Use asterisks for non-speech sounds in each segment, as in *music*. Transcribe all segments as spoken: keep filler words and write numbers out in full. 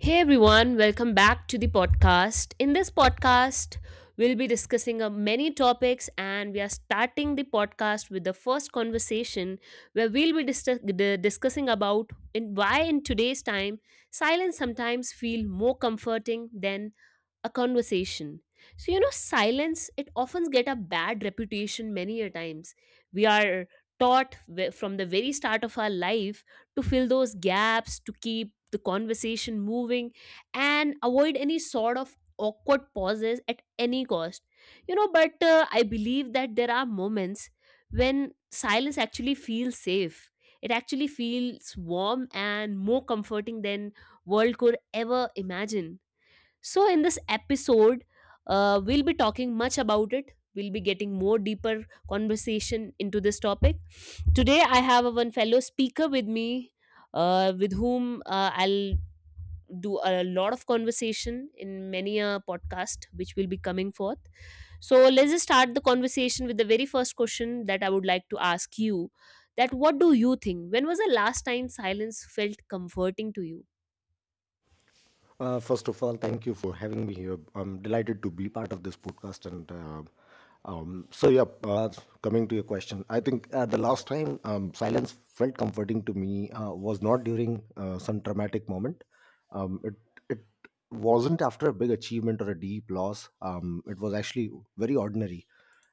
Hey everyone, welcome back to the podcast. In this podcast, we'll be discussing uh, many topics, and we are starting the podcast with the first conversation where we'll be dis- d- discussing about in why in today's time silence sometimes feel more comforting than a conversation. So you know silence it often get a bad reputation many a times. We are taught wh- from the very start of our life to fill those gaps, to keep the conversation moving, and avoid any sort of awkward pauses at any cost. You know, but uh, I believe that there are moments when silence actually feels safe. It actually feels warm and more comforting than world could ever imagine. So, in this episode, uh, we'll be talking much about it. We'll be getting more deeper conversation into this topic. Today, I have a one fellow speaker with me, uh, with whom uh, I'll do a lot of conversation in many a podcast which will be coming forth. So, let's just start the conversation with the very first question that I would like to ask you. That what do you think? When was the last time silence felt comforting to you? Uh, first of all, thank you for having me here. I'm delighted to be part of this podcast. And uh, um, so, yeah, uh, Coming to your question, I think uh, the last time um, silence felt comforting to me uh, was not during uh, some traumatic moment. Um, it it it wasn't after a big achievement or a deep loss. Um, it was actually very ordinary,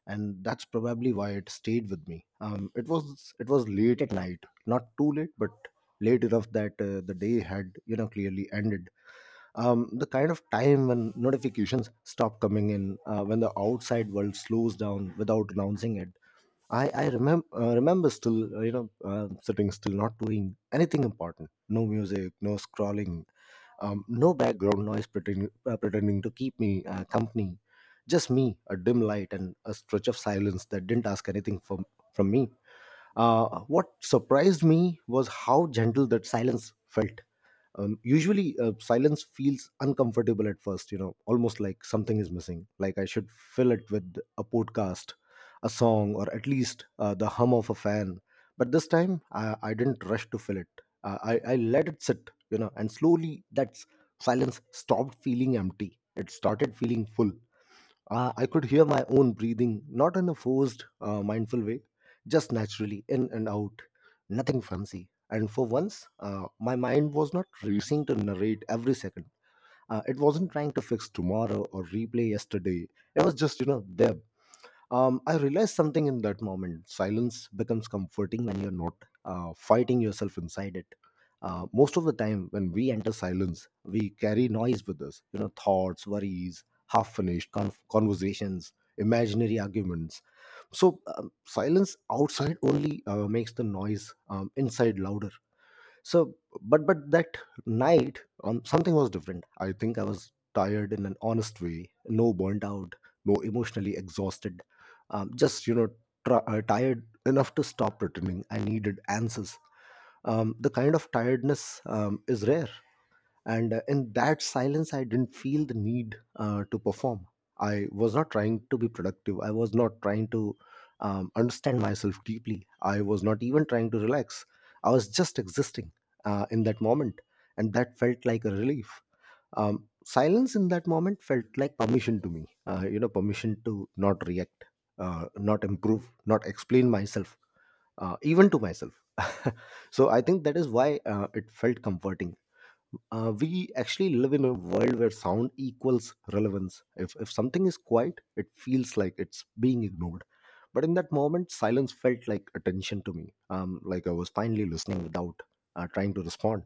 and that's probably why it stayed with me. Um, it was it was late at night, not too late, but late enough that uh, the day had you know clearly ended. Um, the kind of time when notifications stop coming in, uh, when the outside world slows down without announcing it. I I remember uh, remember still uh, you know uh, sitting still, not doing anything important. No music, no scrolling, um, no background noise pretending uh, pretending to keep me uh, company. Just me, a dim light, and a stretch of silence that didn't ask anything from from me. Uh, what surprised me was how gentle that silence felt. Um, usually uh, silence feels uncomfortable at first, you know almost like something is missing, like I should fill it with a podcast, a song, or at least uh, the hum of a fan. But this time i, I didn't rush to fill it. uh, I, I let it sit, you know and slowly that s- silence stopped feeling empty. It started feeling full. uh, I could hear my own breathing, not in a forced, uh, mindful way, just naturally, in and out, nothing fancy. And for once, uh, my mind was not racing to narrate every second. Uh, it wasn't trying to fix tomorrow or replay yesterday. It was just, you know, there. um, I realized something in that moment: silence becomes comforting when you're not uh, fighting yourself inside it. Uh, most of the time, when we enter silence, we carry noise with us, you know thoughts, worries, half finished conversations, imaginary arguments. So um, silence outside only uh, makes the noise um, inside louder. So but but that night, um, something was different. I think I was tired in an honest way, no burnt out, no emotionally exhausted, um, just, you know tr- uh, tired enough to stop pretending I needed answers. Um, the kind of tiredness um, is rare. And uh, in that silence I didn't feel the need uh, to perform. I was not trying to be productive, I was not trying to um, understand myself deeply, I was not even trying to relax. I was just existing, uh, in that moment. And that felt like a relief. Um, silence in that moment felt like permission to me, uh, you know permission to not react, uh, not improve, not explain myself, uh, even to myself. *laughs* So I think that is why uh, it felt comforting. Uh, we actually live in a world where sound equals relevance. If, if something is quiet, it feels like it's being ignored. But in that moment, silence felt like attention to me, um, like I was finally listening without uh, trying to respond.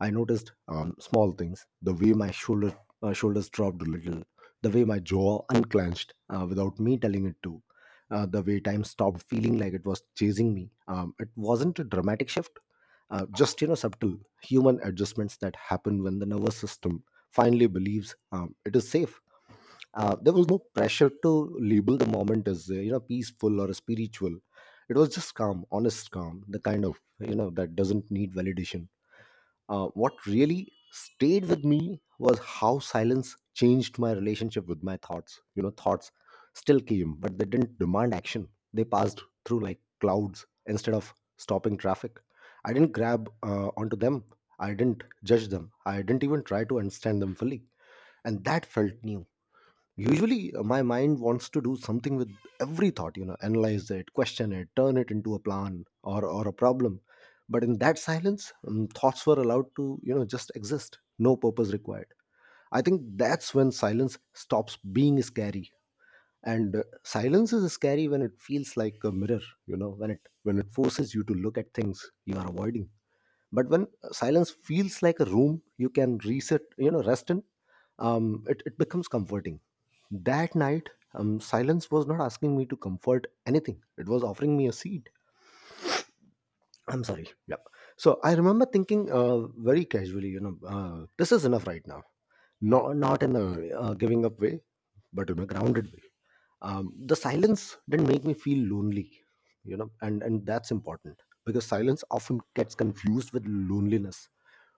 I noticed um, small things, the way my shoulder, uh, shoulders dropped a little, the way my jaw unclenched uh, without me telling it to, uh, the way time stopped feeling like it was chasing me. Um, it wasn't a dramatic shift, uh, just, you know subtle human adjustments that happen when the nervous system finally believes um, it is safe. Uh, there was no pressure to label the moment as uh, you know peaceful or spiritual. It was just calm, honest calm, the kind of you know that doesn't need validation. Uh, what really stayed with me was how silence changed my relationship with my thoughts. You know, thoughts still came, but they didn't demand action. They passed through like clouds instead of stopping traffic. I didn't grab uh, onto them. I didn't judge them. I didn't even try to understand them fully. And that felt new. Usually uh, my mind wants to do something with every thought, you know analyze it, question it, turn it into a plan or or a problem. But in that silence um, thoughts were allowed to, you know just exist, no purpose required. I think that's when silence stops being scary. And uh, silence is scary when it feels like a mirror, you know when it when it forces you to look at things you are avoiding. But when silence feels like a room you can reset, you know rest in, um, it, it becomes comforting. That night, um, silence was not asking me to comfort anything. It was offering me a seat. I'm sorry, yep. So I remember thinking uh, very casually, you know uh, this is enough right now, not, not in a uh, giving up way, but in a grounded way. Um, the silence didn't make me feel lonely, you know and and that's important, because silence often gets confused with loneliness.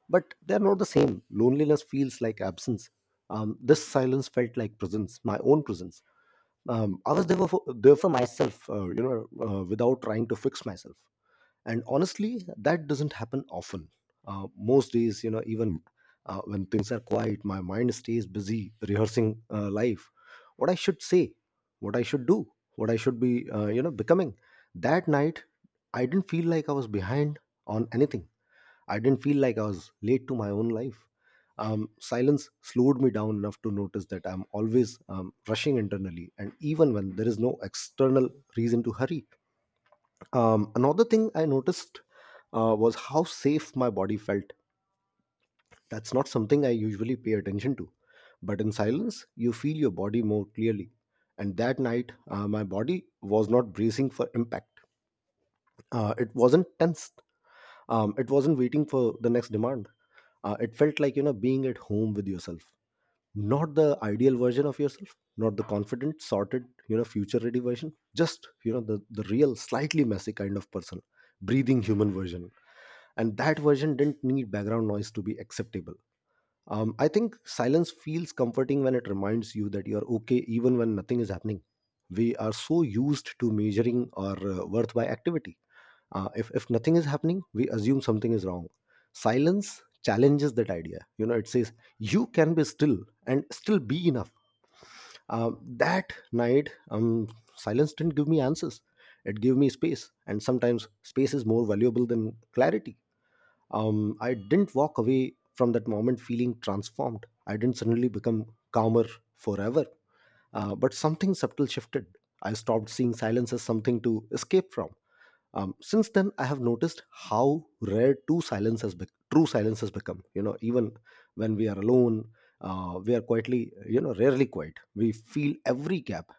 But they're not the same. Loneliness feels like absence. Um, this silence felt like presence, my own presence. Um, I was there for, there for myself, uh, you know, uh, without trying to fix myself. And honestly, that doesn't happen often. Uh, most days, you know, even uh, when things are quiet, my mind stays busy rehearsing uh, life, what I should say, what I should do, what I should be, uh, you know, becoming. That night, I didn't feel like I was behind on anything. I didn't feel like I was late to my own life. Um, silence slowed me down enough to notice that I'm always um, rushing internally, and even when there is no external reason to hurry. Um, another thing I noticed uh, was how safe my body felt. That's not something I usually pay attention to. But in silence, you feel your body more clearly. And that night, uh, my body was not bracing for impact. Uh, it wasn't tensed. Um, it wasn't waiting for the next demand. Uh, it felt like, you know being at home with yourself, not the ideal version of yourself, not the confident sorted, you know future ready version, just, you know the, the real, slightly messy, kind of person, breathing human version. And that version didn't need background noise to be acceptable. um, I think silence feels comforting when it reminds you that you're okay even when nothing is happening. We are so used to measuring our uh, worth by activity. Uh, if, if nothing is happening, we assume something is wrong. Silence challenges that idea. You know, it says you can be still and still be enough. Uh, that night, um, silence didn't give me answers. It gave me space, and sometimes space is more valuable than clarity. Um, I didn't walk away from that moment feeling transformed. I didn't suddenly become calmer forever. Uh, but something subtle shifted. I stopped seeing silence as something to escape from. Um, since then I have noticed how rare true silence has bec- true silence has become, you know even when we are alone, uh, we are quietly, you know rarely quiet. We feel every gap.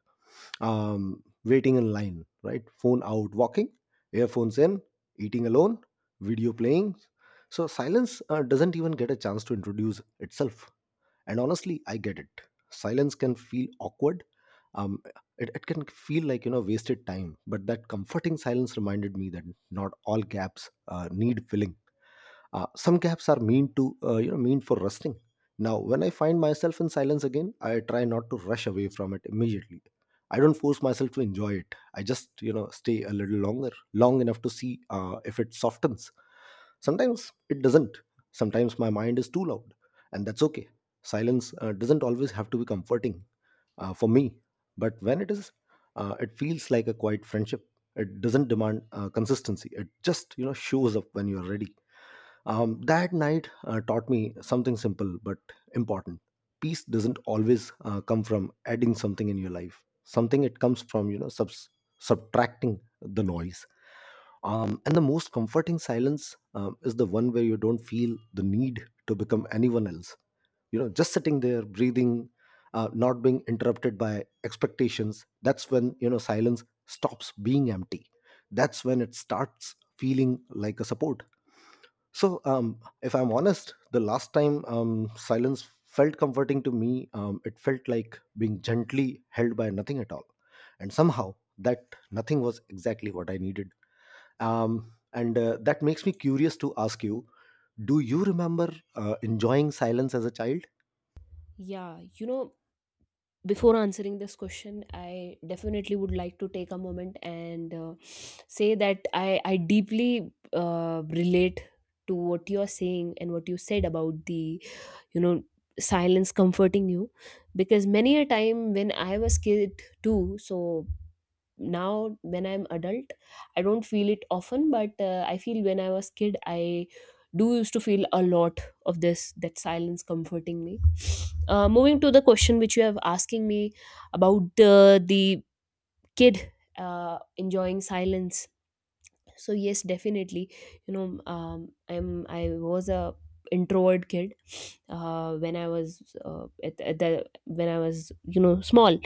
um, Waiting in line, right, phone out, walking, earphones in, eating alone, video playing. So silence uh, doesn't even get a chance to introduce itself. And honestly, I get it. Silence can feel awkward. Um, it, it can feel like, you know, wasted time. But that comforting silence reminded me that not all gaps uh, need filling. Uh, some gaps are mean to, uh, you know, mean for resting. Now, when I find myself in silence again, I try not to rush away from it immediately. I don't force myself to enjoy it. I just, you know, stay a little longer, long enough to see uh, if it softens. Sometimes it doesn't. Sometimes my mind is too loud, and that's okay. Silence uh, doesn't always have to be comforting uh, for me, but when it is, uh, it feels like a quiet friendship. It doesn't demand uh, consistency. It just, you know shows up when you are ready. Um, that night uh, taught me something simple but important. Peace doesn't always uh, come from adding something in your life. Something it comes from, you know subs- subtracting the noise. Um, and the most comforting silence um, is the one where you don't feel the need to become anyone else. You know, just sitting there, breathing, uh, not being interrupted by expectations. That's when, you know, silence stops being empty. That's when it starts feeling like a support. So, um, if I'm honest, the last time um, silence felt comforting to me, um, it felt like being gently held by nothing at all. And somehow, that nothing was exactly what I needed um, and uh, that makes me curious to ask you, do you remember uh, enjoying silence as a child? Yeah, you know, before answering this question, I definitely would like to take a moment and uh, say that i i deeply uh, relate to what you are saying and what you said about the, you know, silence comforting you, because many a time when I was kid too. So now when I'm adult, I don't feel it often, but uh, I feel when I was kid I do used to feel a lot of this, that silence comforting me. Uh, moving to the question which you have asking me about uh, the kid uh, enjoying silence, so yes, definitely. You know, um, i'm i was a introvert kid uh, when I was uh, at, at the when I was, you know, small.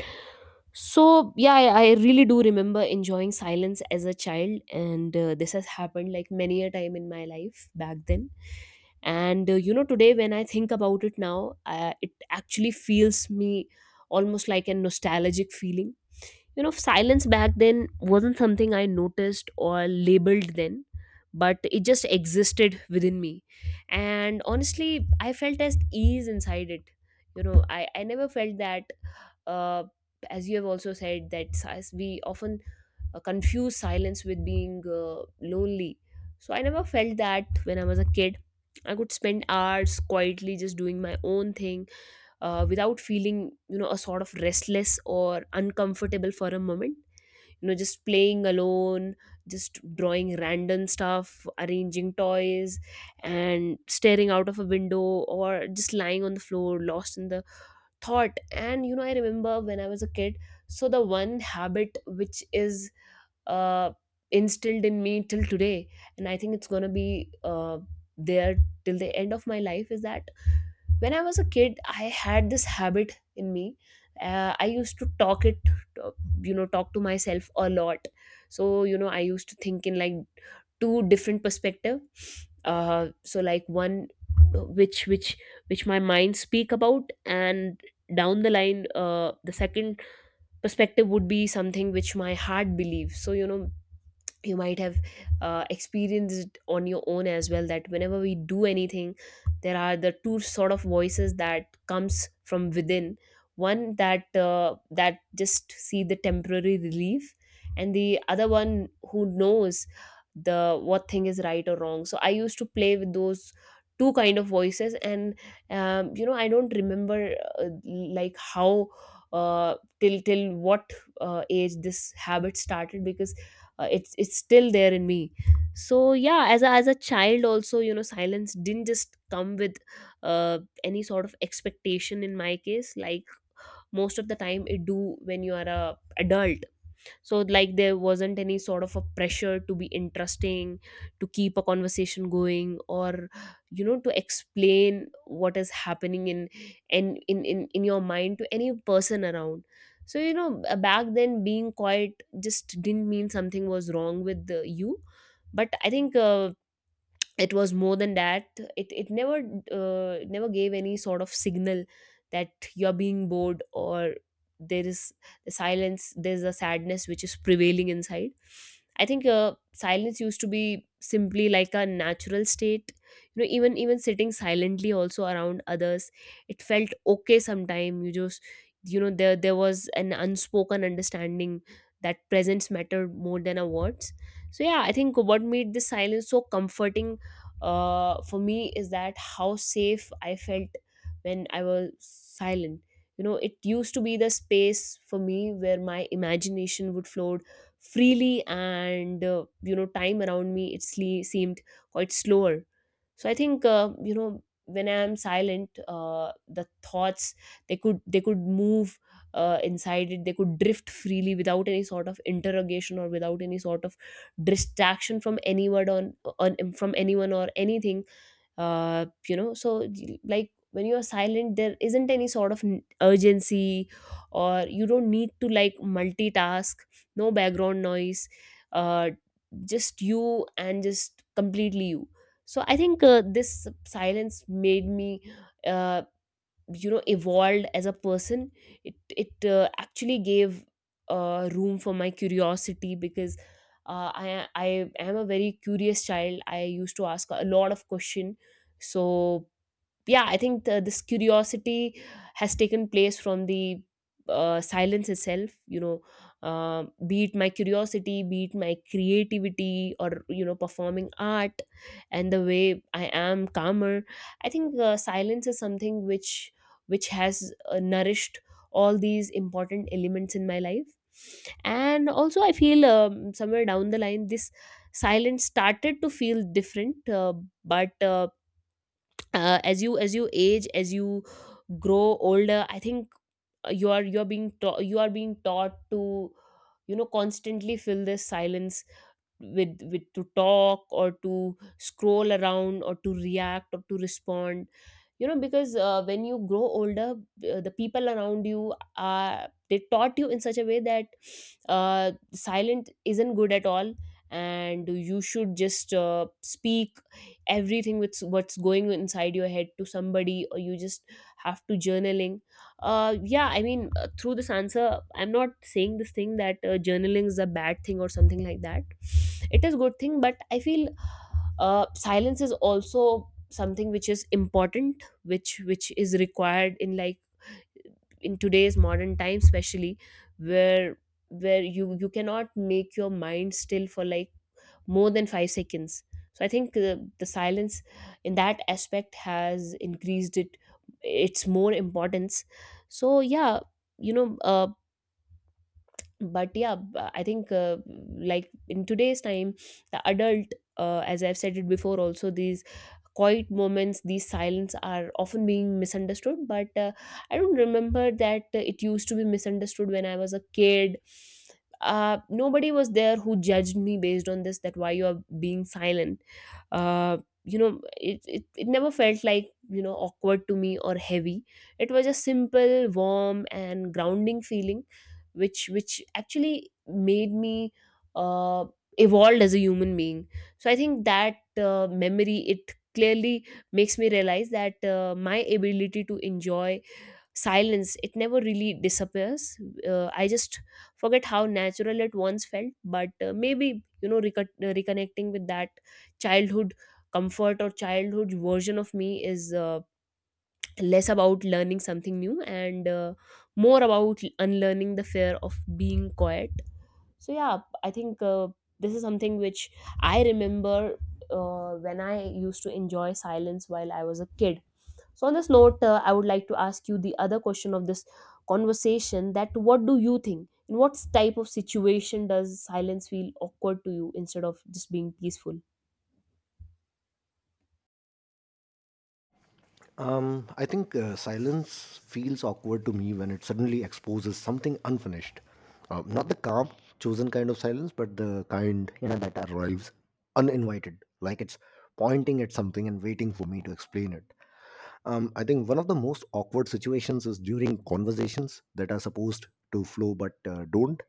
So yeah, I I really do remember enjoying silence as a child, and uh, this has happened like many a time in my life back then. And uh, you know, today when I think about it now, uh, it actually feels me almost like a nostalgic feeling. You know, silence back then wasn't something I noticed or labeled then, but it just existed within me. And honestly, I felt as ease inside it. You know, I, I never felt that, uh, as you have also said, that si- we often uh, confuse silence with being uh, lonely. So I never felt that when I was a kid. I could spend hours quietly just doing my own thing uh, without feeling, you know, a sort of restless or uncomfortable for a moment. You know, just playing alone, just drawing random stuff, arranging toys, and staring out of a window, or just lying on the floor lost in the thought. And you know, I remember when I was a kid, so the one habit which is uh, instilled in me till today, and I think it's going to be uh, there till the end of my life, is that when I was a kid I had this habit in me. Uh, I used to talk it uh, you know, talk to myself a lot. So you know, I used to think in like two different perspective. Uh so like one, uh, which which which my mind speak about, and down the line, uh the second perspective would be something which my heart believes. So you know, you might have uh, experienced on your own as well, that whenever we do anything, there are the two sort of voices that comes from within. One that uh, that just see the temporary relief, and the other one who knows the what thing is right or wrong. So I used to play with those two kind of voices. And um, you know, I don't remember uh, like how uh, till till what uh, age this habit started, because uh, it's it's still there in me. So yeah, as a, as a child also, you know, silence didn't just come with uh, any sort of expectation in my case, like most of the time it do when you are a adult. So like there wasn't any sort of a pressure to be interesting, to keep a conversation going, or, you know, to explain what is happening in, and in, in in your mind to any person around. So you know, b- back then being quiet just didn't mean something was wrong with uh, you. But I think uh, it was more than that. It it never, uh, it never gave any sort of signal that you're being bored, or there is the silence, there's a sadness which is prevailing inside. I think uh, silence used to be simply like a natural state. You know, even even sitting silently also around others, it felt okay sometime. You just, you know, there there was an unspoken understanding that presence mattered more than a words. So yeah, I think what made this silence so comforting uh, for me is that how safe I felt when I was silent. You know, it used to be the space for me where my imagination would float freely, and uh, you know, time around me it sle- seemed quite slower. So I think uh, you know, when I am silent, uh, the thoughts, they could they could move uh, inside it. They could drift freely without any sort of interrogation or without any sort of distraction from anyone on, on from anyone or anything. Uh, you know, so like when you're silent, there isn't any sort of n- urgency, or you don't need to like multitask. No background noise, uh, just you, and just completely you. So I think uh, this silence made me uh, you know, evolved as a person. It it uh, actually gave uh, room for my curiosity, because uh, I I am a very curious child. I used to ask a lot of question. So yeah, I think the, this curiosity has taken place from the uh, silence itself, you know. Um, be it my curiosity, be it my creativity, or, you know, performing art, and the way I am calmer, I think uh, silence is something which which has uh, nourished all these important elements in my life. And also I feel um, somewhere down the line this silence started to feel different. Uh, but uh, uh, as you, as you age, as you grow older, I think uh, you are you are being taught, you are being taught to, you know, constantly fill this silence with with to talk, or to scroll around, or to react, or to respond. You know, because uh, when you grow older, uh, the people around you are, they taught you in such a way that uh, silent isn't good at all, and you should just uh, speak everything with what's going inside your head to somebody, or you just have to journaling. Uh yeah, I mean, uh, through this answer I'm not saying this thing that uh, journaling is a bad thing or something like that. It is good thing, but I feel uh silence is also something which is important, which which is required in like in today's modern time, especially where where you, you cannot make your mind still for like more than five seconds. So I think uh, the silence in that aspect has increased it its more importance. So yeah, you know, uh, but yeah b- I think uh, Like in today's time the adult, uh, as I've said it before also, these quiet moments, these silence are often being misunderstood, but uh, I don't remember that uh, it used to be misunderstood when I was a kid. Uh, nobody was there who judged me based on this, that why you are being silent. Uh, you know it, it it never felt like you know awkward to me or heavy. It was a simple warm and grounding feeling, which which actually made me uh, evolved as a human being. So I think that uh, memory, it clearly makes me realize that uh, my ability to enjoy silence, it never really disappears. uh, I just forget how natural it once felt. But uh, maybe you know reco- reconnecting with that childhood comfort or childhood version of me is uh, less about learning something new, and uh, more about unlearning the fear of being quiet. So yeah, I think uh, this is something which I remember, uh, when I used to enjoy silence while I was a kid. So on this note, uh, I would like to ask you the other question of this conversation: that what do you think, in what type of situation does silence feel awkward to you instead of just being peaceful? um, I think uh, silence feels awkward to me when it suddenly exposes something unfinished, uh, not the calm, chosen kind of silence, but the kind, you know, that arrives uninvited, like it's pointing at something and waiting for me to explain it. Um, I think one of the most awkward situations is during conversations that are supposed to flow but uh, don't.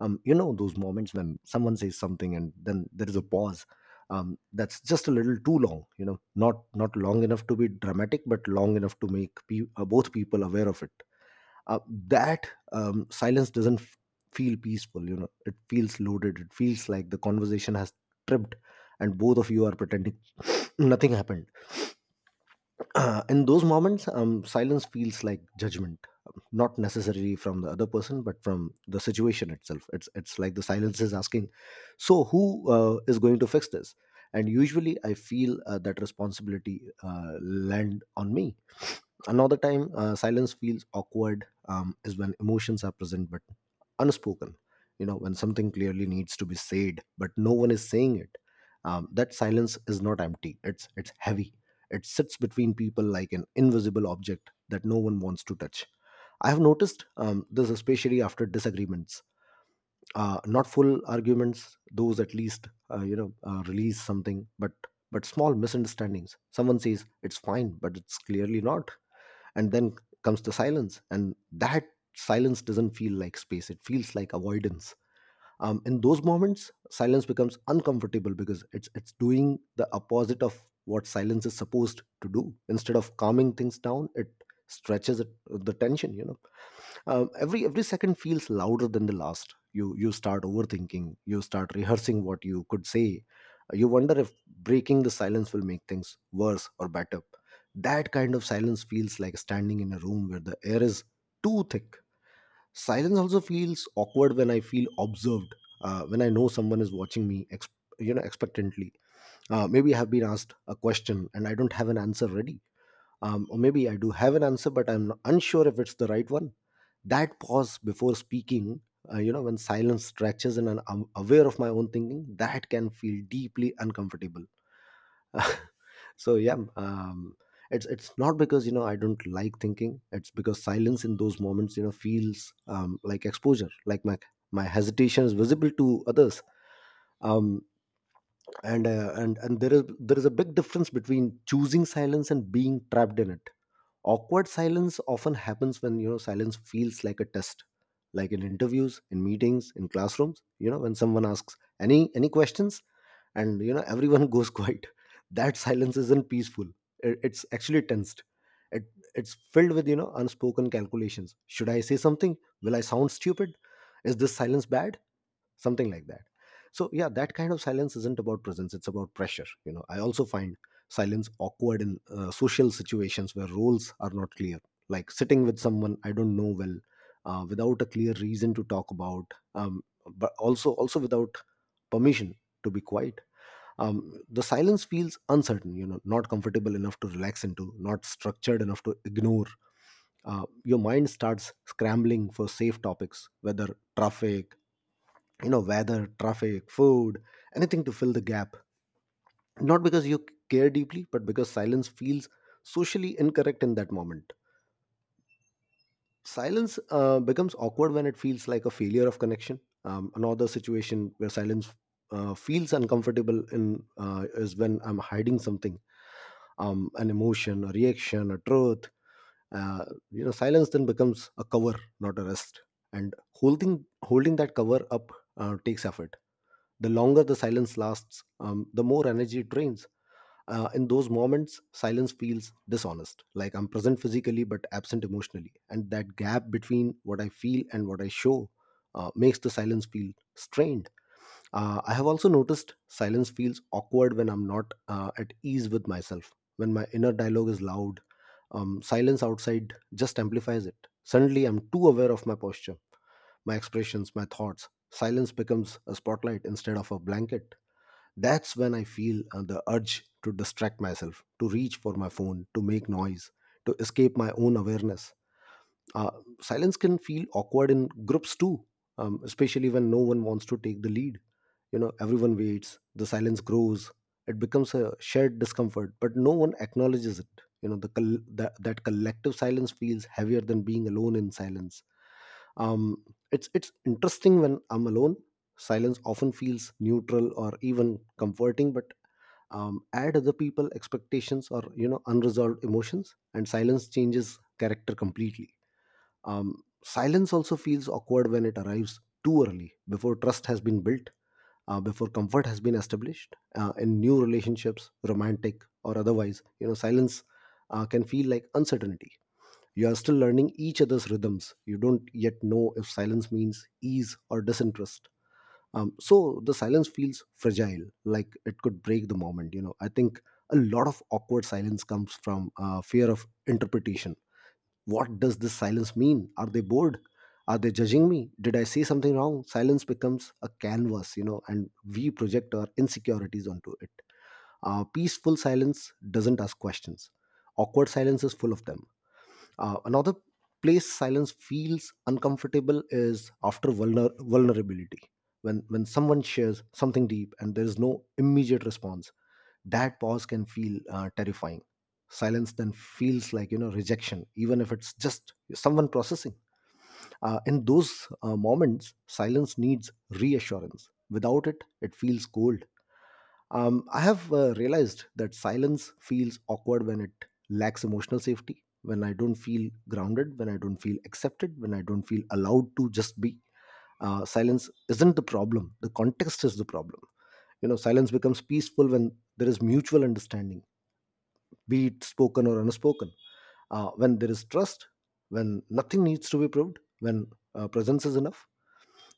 Um, you know, those moments when someone says something and then there is a pause. Um, that's just a little too long, you know, not not long enough to be dramatic, but long enough to make pe- uh, both people aware of it. Uh, that um, silence doesn't f- feel peaceful, you know. It feels loaded. It feels like the conversation has tripped, and both of you are pretending *sniffs* nothing happened. *clears throat* Uh, in those moments, um, silence feels like judgment, um, not necessarily from the other person, but from the situation itself. It's it's like the silence is asking, so who uh, is going to fix this? And usually, I feel uh, that responsibility uh, land on me. Another time, uh, silence feels awkward um, is when emotions are present but unspoken. You know, when something clearly needs to be said but no one is saying it. Um, that silence is not empty. It's it's heavy. It sits between people like an invisible object that no one wants to touch. I have noticed um, this especially after disagreements. Uh, not full arguments; those at least uh, you know uh, release something, but but small misunderstandings. Someone says it's fine, but it's clearly not, and then comes the silence, and that silence doesn't feel like space, it feels like avoidance. Um, in those moments silence becomes uncomfortable because it's it's doing the opposite of what silence is supposed to do. Instead of calming things down, it stretches it, the tension, you know. Um, every every second feels louder than the last. You you start overthinking, you start rehearsing what you could say. Uh, you wonder if breaking the silence will make things worse or better. That kind of silence feels like standing in a room where the air is too thick. Silence also feels awkward when I feel observed, uh, when I know someone is watching me ex- you know, expectantly. Uh, maybe I have been asked a question and I don't have an answer ready, um, or maybe I do have an answer but I'm unsure if it's the right one. That pause before speaking, uh, you know, when silence stretches and I'm am- aware of my own thinking, that can feel deeply uncomfortable. *laughs* So yeah, um, it's it's not because, you know, I don't like thinking, it's because silence in those moments, you know, feels um, like exposure, like my my hesitation is visible to others. Um, and uh, and and there is there is a big difference between choosing silence and being trapped in it. Awkward silence often happens when, you know, silence feels like a test, like in interviews, in meetings, in classrooms. You know, when someone asks any any questions and, you know, everyone *laughs* goes quiet, that silence isn't peaceful. It- it's actually tensed. it, it's filled with, you know, unspoken calculations. Should I say something? Will I sound stupid? Is this silence bad? Something like that. So yeah, that kind of silence isn't about presence, it's about pressure. You know, I also find silence awkward in uh, social situations where roles are not clear, like sitting with someone I don't know well, uh, without a clear reason to talk about, um, but also also without permission to be quiet. Um, the silence feels uncertain, you know, not comfortable enough to relax into, not structured enough to ignore. Uh, your mind starts scrambling for safe topics, whether traffic, you know, weather, traffic, food, anything to fill the gap. Not because you care deeply, but because silence feels socially incorrect in that moment. Silence uh, becomes awkward when it feels like a failure of connection. Um, another situation where silence uh, feels uncomfortable in uh, is when I'm hiding something, um, an emotion, a reaction, a truth. Uh, you know, silence then becomes a cover, not a rest. And holding holding that cover up uh, takes effort. The longer the silence lasts, um, the more energy it drains. Uh, in those moments silence feels dishonest, like I'm present physically but absent emotionally, and that gap between what I feel and what I show uh, makes the silence feel strained. Uh, I have also noticed silence feels awkward when I'm not uh, at ease with myself. When my inner dialogue is loud, um, silence outside just amplifies it. Suddenly, I'm too aware of my posture, my expressions, my thoughts. Silence becomes a spotlight instead of a blanket. That's when I feel uh, the urge to distract myself, to reach for my phone, to make noise, to escape my own awareness. Uh, silence can feel awkward in groups too, um, especially when no one wants to take the lead. You know, everyone waits, the silence grows, it becomes a shared discomfort, but no one acknowledges it. You know, the col- that, that collective silence feels heavier than being alone in silence. Um, it's it's interesting. When I'm alone, silence often feels neutral or even comforting, but um, add other people expectations or, you know, unresolved emotions, and silence changes character completely. Um, silence also feels awkward when it arrives too early, before trust has been built, uh, before comfort has been established. Uh, in new relationships, romantic or otherwise, you know, silence uh, can feel like uncertainty. You are still learning each other's rhythms. You don't yet know if silence means ease or disinterest. Um, so the silence feels fragile, like it could break the moment. You know, I think a lot of awkward silence comes from uh, fear of interpretation. What does this silence mean? Are they bored? Are they judging me? Did I say something wrong? Silence becomes a canvas, you know, and we project our insecurities onto it. Uh, peaceful silence doesn't ask questions. Awkward silence is full of them. Uh, another place silence feels uncomfortable is after vulner- vulnerability. When, when someone shares something deep and there is no immediate response, that pause can feel uh, terrifying. Silence then feels like, you know, rejection, even if it's just someone processing. Uh, in those uh, moments silence needs reassurance. Without it, it feels cold. Um, I have uh, realized that silence feels awkward when it lacks emotional safety, when I don't feel grounded, when I don't feel accepted, when I don't feel allowed to just be. Uh, silence isn't the problem, the context is the problem. You know, silence becomes peaceful when there is mutual understanding, be it spoken or unspoken. Uh, when there is trust, when nothing needs to be proved, when uh, presence is enough,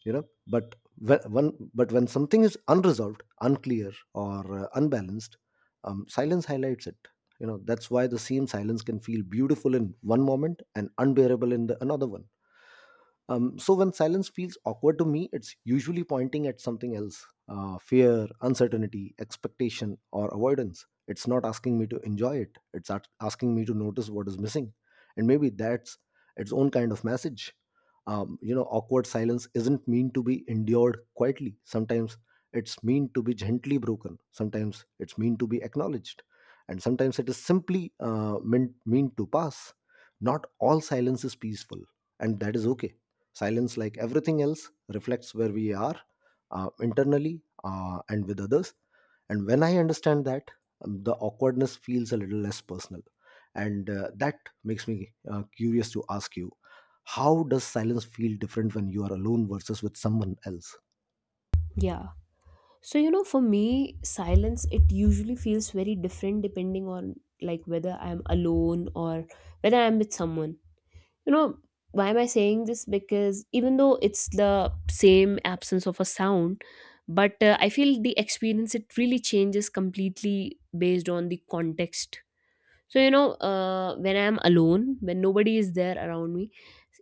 you know. But when, when but when something is unresolved, unclear, or uh, unbalanced, um, silence highlights it. You know, that's why the same silence can feel beautiful in one moment and unbearable in the another one. Um, so when silence feels awkward to me, it's usually pointing at something else, uh, fear, uncertainty, expectation, or avoidance. It's not asking me to enjoy it, it's at- asking me to notice what is missing. And maybe that's its own kind of message. Um, you know, awkward silence isn't mean to be endured quietly. Sometimes it's mean to be gently broken. Sometimes it's mean to be acknowledged. And sometimes it is simply uh, meant, mean to pass. Not all silence is peaceful, and that is okay. Silence, like everything else, reflects where we are uh, internally uh, and with others. And when I understand that, um, the awkwardness feels a little less personal. And uh, that makes me uh, curious to ask you, how does silence feel different when you are alone versus with someone else? Yeah. So, you know, for me, silence, it usually feels very different depending on like whether I'm alone or whether I'm with someone. You know, why am I saying this? Because even though it's the same absence of a sound, but uh, I feel the experience, it really changes completely based on the context. So, you know, uh, when I'm alone, when nobody is there around me,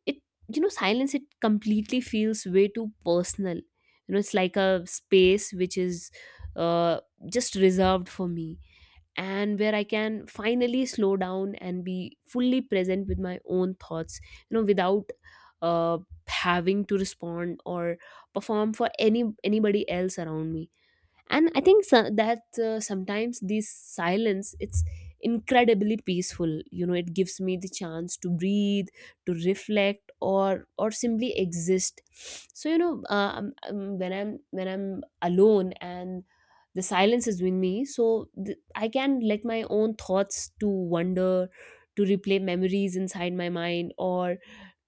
it, you know, silence, it completely feels way too personal. You know, it's like a space which is uh, just reserved for me, and where I can finally slow down and be fully present with my own thoughts, you know, without uh, having to respond or perform for any anybody else around me. And I think so, that uh, sometimes this silence, it's incredibly peaceful. You know, it gives me the chance to breathe, to reflect, or or simply exist. So you know, uh, um, um, when i'm when i'm alone and the silence is with me, so th- I can let my own thoughts to wander, to replay memories inside my mind, or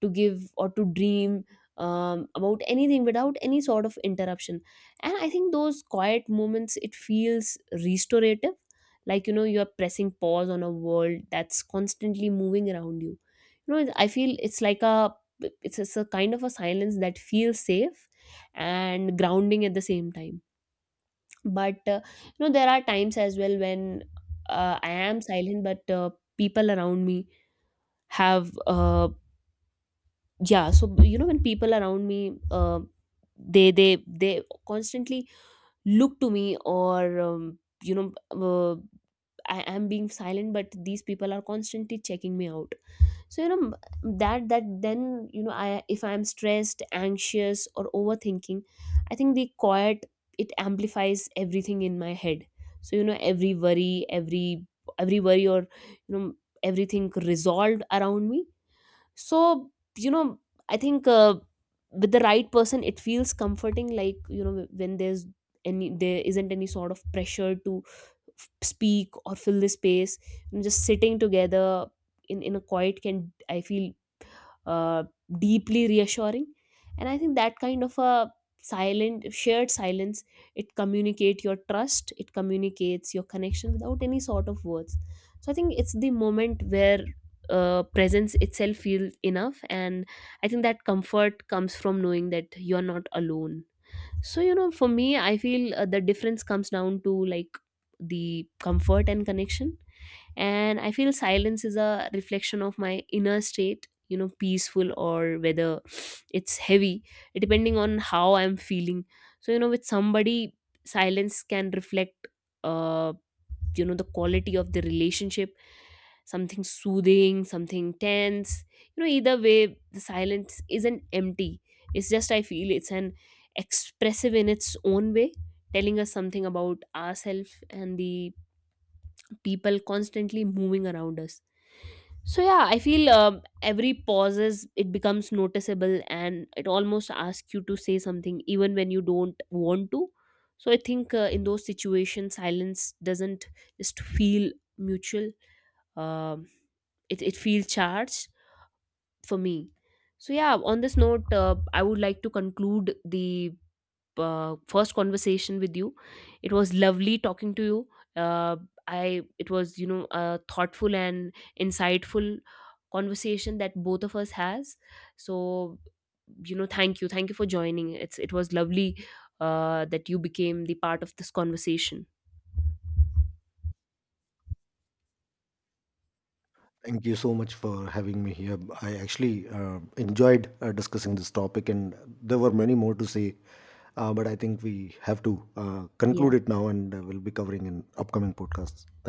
to give or to dream um, about anything without any sort of interruption. And I think those quiet moments, it feels restorative, like, you know, you are pressing pause on a world that's constantly moving around you. You know, I feel it's like a, it's, it's a kind of a silence that feels safe and grounding at the same time. But uh, you know, there are times as well when uh, I am silent, but uh, people around me have uh, yeah so you know, when people around me uh, they they they constantly look to me, or um, you know, uh, I am being silent but these people are constantly checking me out. So you know, that that then, you know, I if I am stressed, anxious, or overthinking, I think the quiet, it amplifies everything in my head. So you know, every worry, every every worry or you know, everything resolved around me. So you know, I think uh, with the right person it feels comforting, like, you know, when there's any there isn't any sort of pressure to f- speak or fill the space, and just sitting together in in a quiet, can I feel uh, deeply reassuring. And I think that kind of a silent shared silence, it communicate your trust, it communicates your connection without any sort of words. So I think it's the moment where uh, presence itself feels enough, and I think that comfort comes from knowing that you're not alone. So you know, for me, I feel uh, the difference comes down to like the comfort and connection. And I feel silence is a reflection of my inner state, you know, peaceful or whether it's heavy, depending on how I'm feeling. So you know, with somebody, silence can reflect, uh you know, the quality of the relationship, something soothing, something tense. You know, either way the silence isn't empty. It's just, I feel it's an expressive in its own way, telling us something about ourselves and the people constantly moving around us. So yeah, I feel um, every pauses, it becomes noticeable, and it almost asks you to say something even when you don't want to. So I think uh, in those situations silence doesn't just feel mutual, um, it, it feels charged for me. So yeah, on this note, uh, I would like to conclude the uh, first conversation with you. It was lovely talking to you. Uh, I it was, you know, a thoughtful and insightful conversation that both of us has. So you know, thank you, thank you for joining. It's it was lovely uh, that you became the part of this conversation. Thank you so much for having me here. I actually uh, enjoyed uh, discussing this topic, and there were many more to say, uh, but I think we have to uh, Yeah. conclude it now, and uh, we'll be covering in upcoming podcasts.